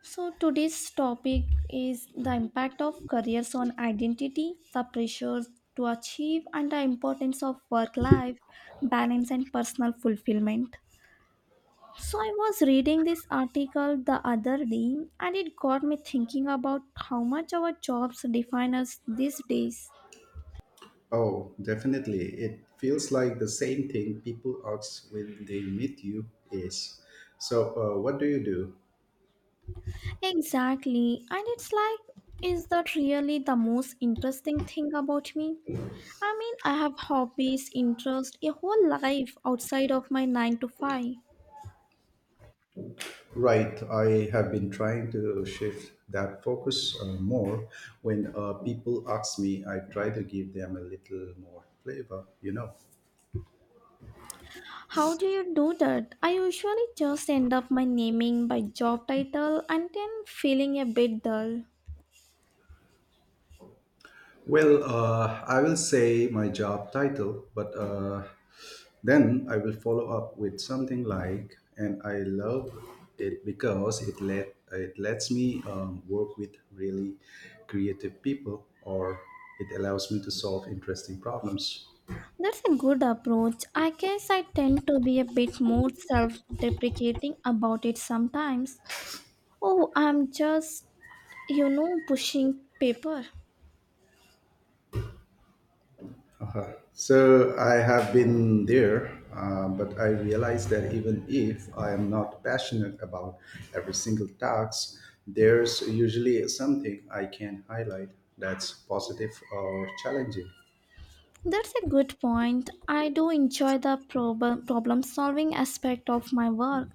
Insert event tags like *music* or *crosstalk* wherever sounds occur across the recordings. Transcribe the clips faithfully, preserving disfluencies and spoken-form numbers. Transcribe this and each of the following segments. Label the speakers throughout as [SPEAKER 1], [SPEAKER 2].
[SPEAKER 1] So, today's topic is the impact of careers on identity, the pressures to achieve, and the importance of work life balance and personal fulfillment. So, I was reading this article the other day and it got me thinking about how much our jobs define us these days.
[SPEAKER 2] Oh, definitely. It feels like the same thing people ask when they meet you is. So, uh, what do you do?
[SPEAKER 1] Exactly, and it's like, is that really the most interesting thing about me? I mean, I have hobbies, interests, a whole life outside of my nine to five.
[SPEAKER 2] Right, I have been trying to shift that focus uh, more. When uh, people ask me, I try to give them a little more flavor, you know.
[SPEAKER 1] How do you do that? I usually just end up my naming by job title and then feeling a bit dull.
[SPEAKER 2] Well, uh, I will say my job title, but uh, then I will follow up with something like, and I love it because it let it lets me um, work with really creative people, or it allows me to solve interesting problems.
[SPEAKER 1] That's a good approach. I guess I tend to be a bit more self deprecating about it sometimes. Oh, I'm just, you know, pushing paper.
[SPEAKER 2] Uh, So I have been there, uh, but I realize that even if I am not passionate about every single task, there's usually something I can highlight that's positive or challenging.
[SPEAKER 1] That's a good point. I do enjoy the problem problem solving aspect of my work.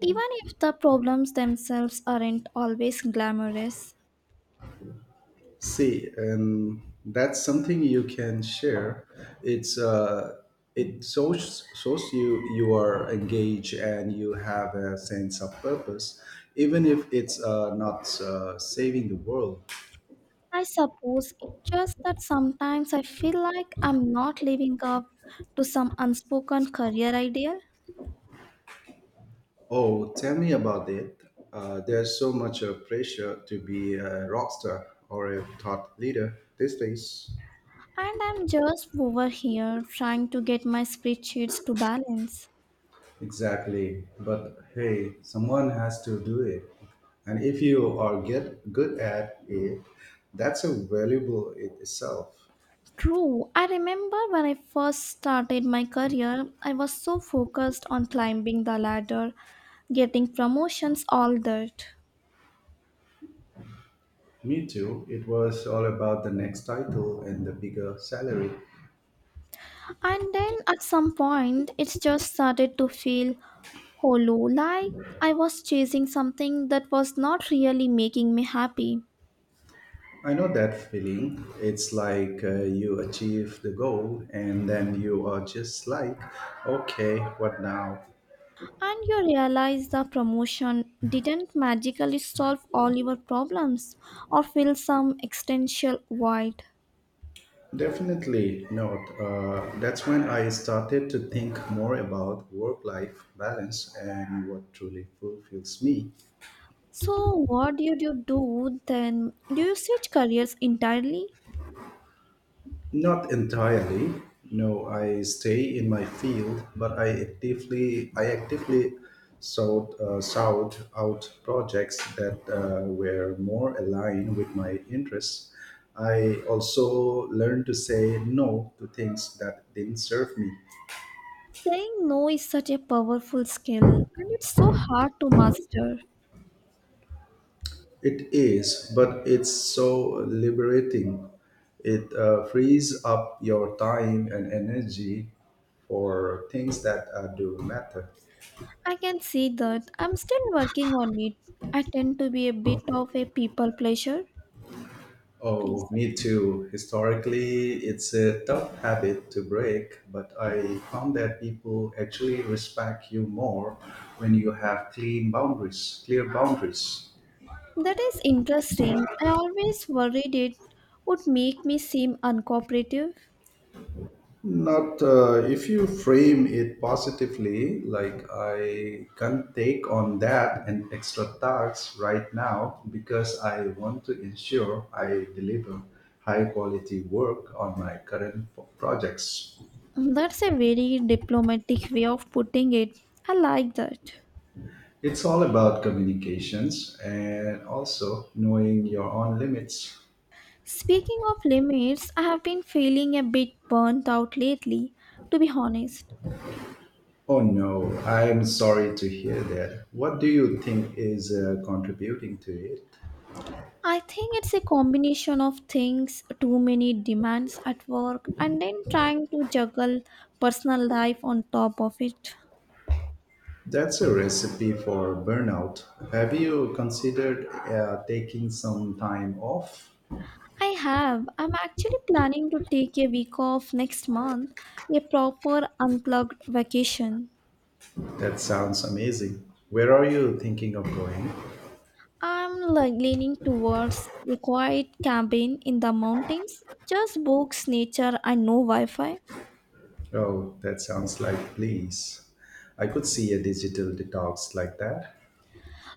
[SPEAKER 1] Even if the problems themselves aren't always glamorous,
[SPEAKER 2] See, and that's something you can share. It's uh, it shows shows you you are engaged and you have a sense of purpose, even if it's uh, not uh, saving the world.
[SPEAKER 1] I suppose it's just that sometimes I feel like I'm not living up to some unspoken career ideal,
[SPEAKER 2] Oh, tell me about it. Uh, there's so much uh, pressure to be a rock star or a thought leader these days.
[SPEAKER 1] and I'm just over here trying to get my spreadsheets to balance.
[SPEAKER 2] Exactly. But hey, someone has to do it. And if you are get good at it, that's a valuable it itself.
[SPEAKER 1] True, I remember when I first started my career, I was so focused on climbing the ladder, getting promotions, all that.
[SPEAKER 2] Me too. It was all about the next title and the bigger salary.
[SPEAKER 1] And then at some point, it just started to feel hollow, like I was chasing something that was not really making me happy.
[SPEAKER 2] I know that feeling. It's like uh, you achieve the goal and then you are just like, okay, what now?
[SPEAKER 1] And you realize the promotion didn't magically solve all your problems or fill some existential void.
[SPEAKER 2] Definitely not. Uh, that's when I started to think more about work life balance and what truly fulfills me.
[SPEAKER 1] So, what did you do then? Do you switch careers entirely?
[SPEAKER 2] Not entirely. No, I stay in my field, but I actively I actively sought, uh, sought out projects that uh, were more aligned with my interests. I also learned to say no to things that didn't serve me.
[SPEAKER 1] Saying no is such a powerful skill and it's so hard to master.
[SPEAKER 2] It is, but it's so liberating. It uh, frees up your time and energy for things that uh, do matter.
[SPEAKER 1] I can see that. I'm still working on it. I tend to be a bit of a people pleasure.
[SPEAKER 2] Oh,
[SPEAKER 1] Please.
[SPEAKER 2] me too. Historically, it's a tough habit to break, but I found that people actually respect you more when you have clean boundaries, clear boundaries.
[SPEAKER 1] That is interesting. I always worried it would make me seem uncooperative.
[SPEAKER 2] Not uh, if you frame it positively, like I can't take on that and extra tasks right now because I want to ensure I deliver high quality work on my current p- projects.
[SPEAKER 1] That's a very diplomatic way of putting it. I like that.
[SPEAKER 2] It's all about communications and also knowing your own limits.
[SPEAKER 1] Speaking of limits, I have been feeling a bit burnt out lately, to be honest.
[SPEAKER 2] Oh no, I'm sorry to hear that. What do you think is uh, contributing to it?
[SPEAKER 1] I think it's a combination of things, too many demands at work, and then trying to juggle personal life on top of it.
[SPEAKER 2] That's a recipe for burnout. Have you considered uh, taking some time off?
[SPEAKER 1] I have. I'm actually planning to take a week off next month, a proper unplugged vacation.
[SPEAKER 2] That sounds amazing. Where are you thinking of going?
[SPEAKER 1] I'm like leaning towards a quiet cabin in the mountains, just books, nature, and no Wi Fi.
[SPEAKER 2] Oh, that sounds like please. I could see a digital detox like that.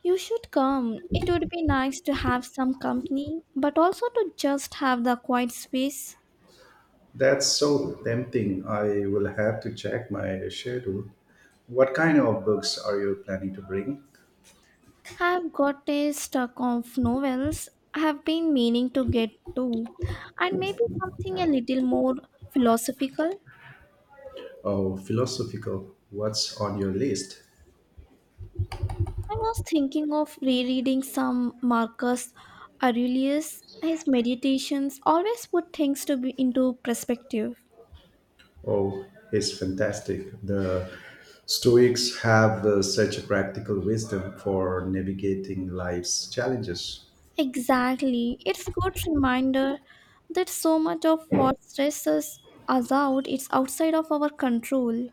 [SPEAKER 1] You should come. It would be nice to have some company, but also to just have the quiet space.
[SPEAKER 2] That's so tempting. I will have to check my schedule. What kind of books are you planning to bring?
[SPEAKER 1] I've got a stack of novels I have been meaning to get to, and maybe something a little more philosophical.
[SPEAKER 2] Oh, philosophical. What's on your list?
[SPEAKER 1] I was thinking of rereading some Marcus Aurelius. His meditations always put things to be into perspective.
[SPEAKER 2] Oh, it's fantastic. The Stoics have uh, such a practical wisdom for navigating life's challenges.
[SPEAKER 1] Exactly. It's a good reminder that so much of what stresses us out is outside of our control.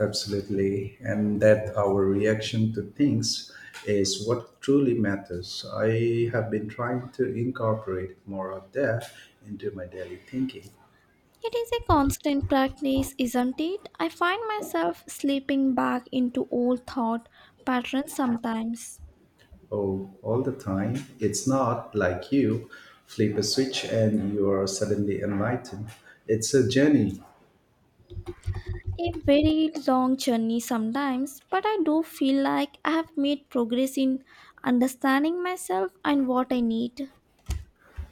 [SPEAKER 2] Absolutely. And that our reaction to things is what truly matters. I have been trying to incorporate more of that into my daily thinking.
[SPEAKER 1] It is a constant practice, isn't it? I find myself slipping back into old thought patterns sometimes.
[SPEAKER 2] Oh, all the time. It's not like you flip a switch and you are suddenly enlightened. It's a journey.
[SPEAKER 1] A very long journey sometimes, but I do feel like I have made progress in understanding myself and what I need.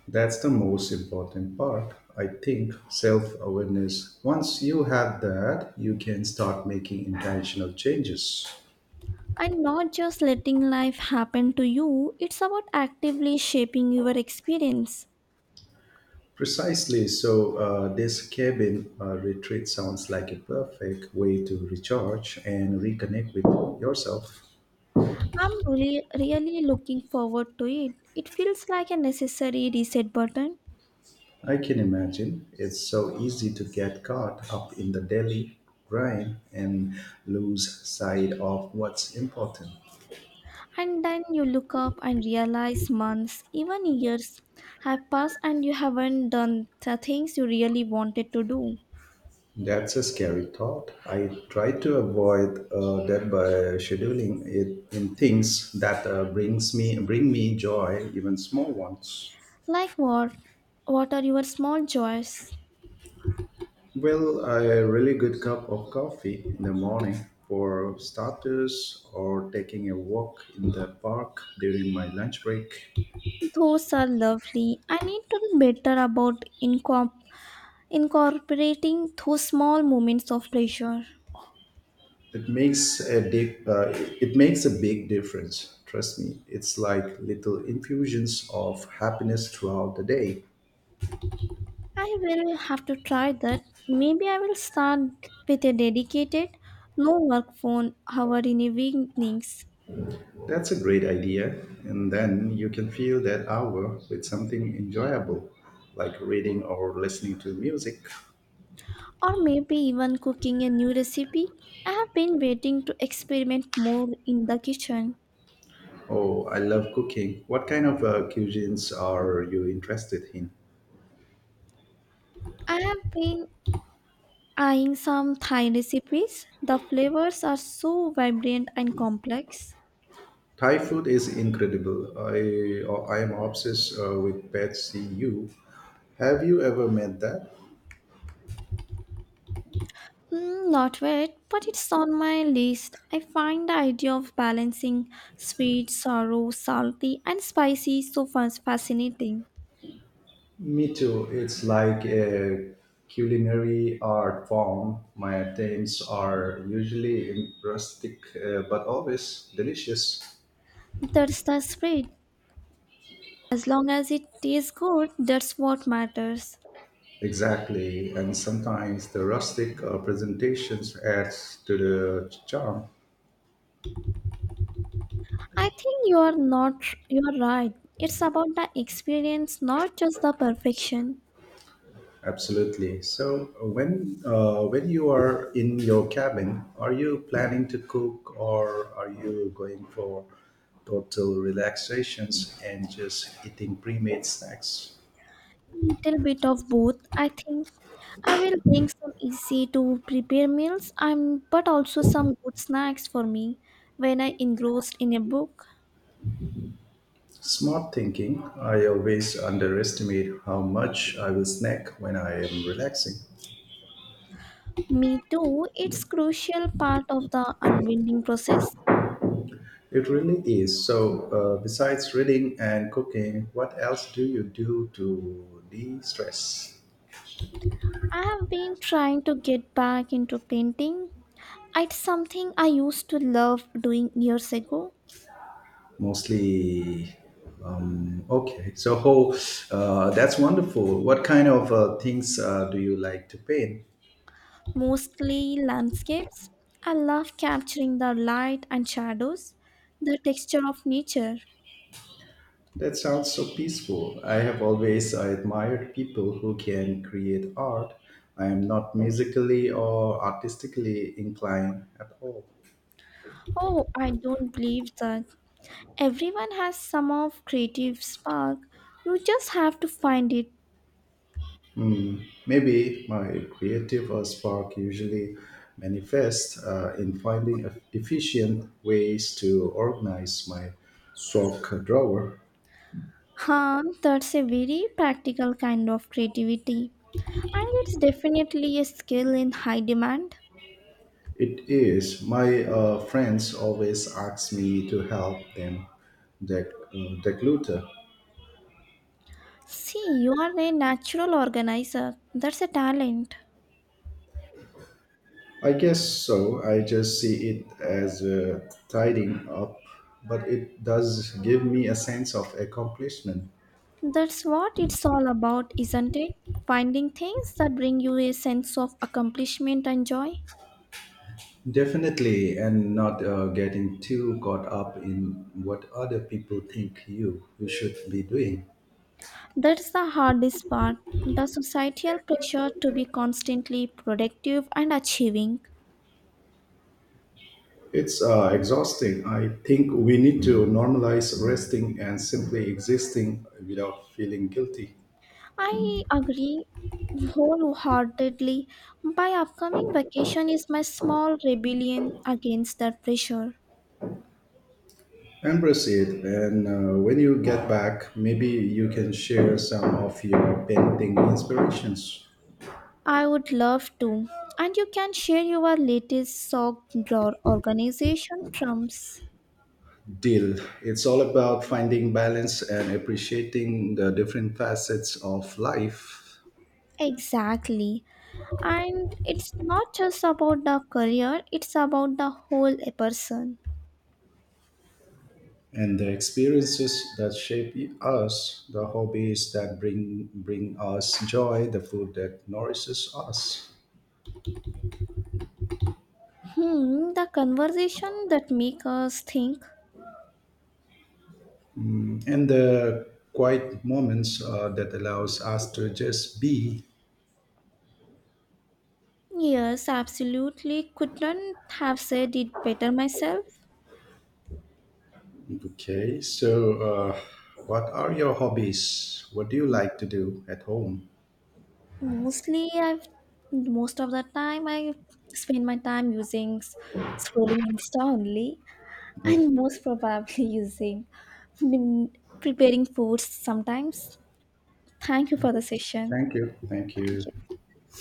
[SPEAKER 2] That's the most important part. I think self awareness. Once you have that, you can start making intentional changes.
[SPEAKER 1] And not just letting life happen to you, it's about actively shaping your experience.
[SPEAKER 2] Precisely. So, uh, this cabin uh, retreat sounds like a perfect way to recharge and reconnect with yourself.
[SPEAKER 1] I'm really, really looking forward to it. It feels like a necessary reset button.
[SPEAKER 2] I can imagine it's so easy to get caught up in the daily grind and lose sight of what's important.
[SPEAKER 1] And then you look up and realize months, even years, have passed and you haven't done the things you really wanted to do.
[SPEAKER 2] That's a scary thought. I try to avoid uh, that by scheduling it in things that uh, brings me bring me joy, even small ones.
[SPEAKER 1] Like what? What are your small joys?
[SPEAKER 2] Well, a really good cup of coffee in the morning for starters, or taking a walk in the park during my lunch break.
[SPEAKER 1] Those are lovely. I need to be better about incorp- incorporating those small moments of pleasure.
[SPEAKER 2] It makes a deep, uh, it makes a big difference. Trust me, it's like little infusions of happiness throughout the day.
[SPEAKER 1] I will have to try that. Maybe I will start with a dedicated, no work phone hour in evenings,
[SPEAKER 2] That's a great idea. And then you can fill that hour with something enjoyable, like reading or listening to music.
[SPEAKER 1] or maybe even cooking a new recipe. I have been waiting to experiment more in the kitchen.
[SPEAKER 2] Oh, I love cooking. What kind of uh, cuisines are you interested in?
[SPEAKER 1] I have been Eyeing some Thai recipes, the flavors are so vibrant and complex.
[SPEAKER 2] Thai food is incredible. I, uh, I am obsessed uh, with Pad See Ew. Have you ever met that?
[SPEAKER 1] Hmm, not yet, but it's on my list. I find the idea of balancing sweet, sour, salty, and spicy so fas- fascinating.
[SPEAKER 2] Me too. It's like a culinary art form. My attempts are usually in- rustic, uh, but always delicious.
[SPEAKER 1] That's the spirit. As long as it tastes good, that's what matters.
[SPEAKER 2] Exactly, and sometimes the rustic uh, presentations adds to the charm.
[SPEAKER 1] I think you are not you are right. It's about the experience, not just the perfection.
[SPEAKER 2] Absolutely. So when uh, when you are in your cabin, are you planning to cook or are you going for total relaxations and just eating pre-made snacks?
[SPEAKER 1] Little bit of both, I think. I will bring some easy to prepare meals, I'm, but also some good snacks for me when I engrossed in a book.
[SPEAKER 2] Smart thinking. I always underestimate how much I will snack when I am relaxing.
[SPEAKER 1] Me too, it's crucial part of the unwinding process.
[SPEAKER 2] It really is. So, uh, besides reading and cooking, what else do you do to de stress?
[SPEAKER 1] I have been trying to get back into painting. It's something I used to love doing years ago,
[SPEAKER 2] Mostly. Um, okay, so how uh, That's wonderful. What kind of uh, things uh, do you like to paint?
[SPEAKER 1] mostly landscapes. I love capturing the light and shadows, the texture of nature.
[SPEAKER 2] That sounds so peaceful. I have always uh, admired people who can create art. I am not musically or artistically inclined at all.
[SPEAKER 1] Oh, I don't believe that. Everyone has some of creative spark. You just have to find it.
[SPEAKER 2] Maybe my creative uh, spark usually manifests uh, in finding eff- efficient ways to organize my sock drawer.
[SPEAKER 1] Huh, that's a very practical kind of creativity. And it's definitely a skill in high demand.
[SPEAKER 2] It is. My uh, friends always ask me to help them dec- uh, declutter.
[SPEAKER 1] See, you are a natural organizer. That's a talent.
[SPEAKER 2] I guess so. I just see it as uh, tidying up, but it does give me a sense of accomplishment.
[SPEAKER 1] That's what it's all about, isn't it? Finding things that bring you a sense of accomplishment and joy.
[SPEAKER 2] Definitely, and not uh, getting too caught up in what other people think you you should be doing.
[SPEAKER 1] That's the hardest part the societal pressure to be constantly productive and achieving.
[SPEAKER 2] It's uh, exhausting. I think we need to normalize resting and simply existing without feeling guilty.
[SPEAKER 1] I agree wholeheartedly. My upcoming vacation is my small rebellion against that pressure.
[SPEAKER 2] Embrace it, and uh, when you get back, maybe you can share some of your painting inspirations.
[SPEAKER 1] I would love to. And you can share your latest sock drawer organization trumps.
[SPEAKER 2] Deal. It's all about finding balance and appreciating the different facets of life.
[SPEAKER 1] Exactly. And it's not just about the career, it's about the whole person.
[SPEAKER 2] And the experiences that shape us, the hobbies that bring bring us joy, the food that nourishes us,
[SPEAKER 1] Hmm, the conversation that make us think.
[SPEAKER 2] and the quiet moments uh, that allows us to just be.
[SPEAKER 1] Yes, absolutely. Couldn't have said it better myself.
[SPEAKER 2] Okay, so uh, what are your hobbies? What do you like to do at home?
[SPEAKER 1] Mostly, I've most of the time I spend my time using s- scrolling Insta only,
[SPEAKER 2] Oh,
[SPEAKER 1] and most probably *laughs* using been preparing foods sometimes. Thank you for the session.
[SPEAKER 2] thank you, thank
[SPEAKER 1] Thank
[SPEAKER 2] you.
[SPEAKER 1] you.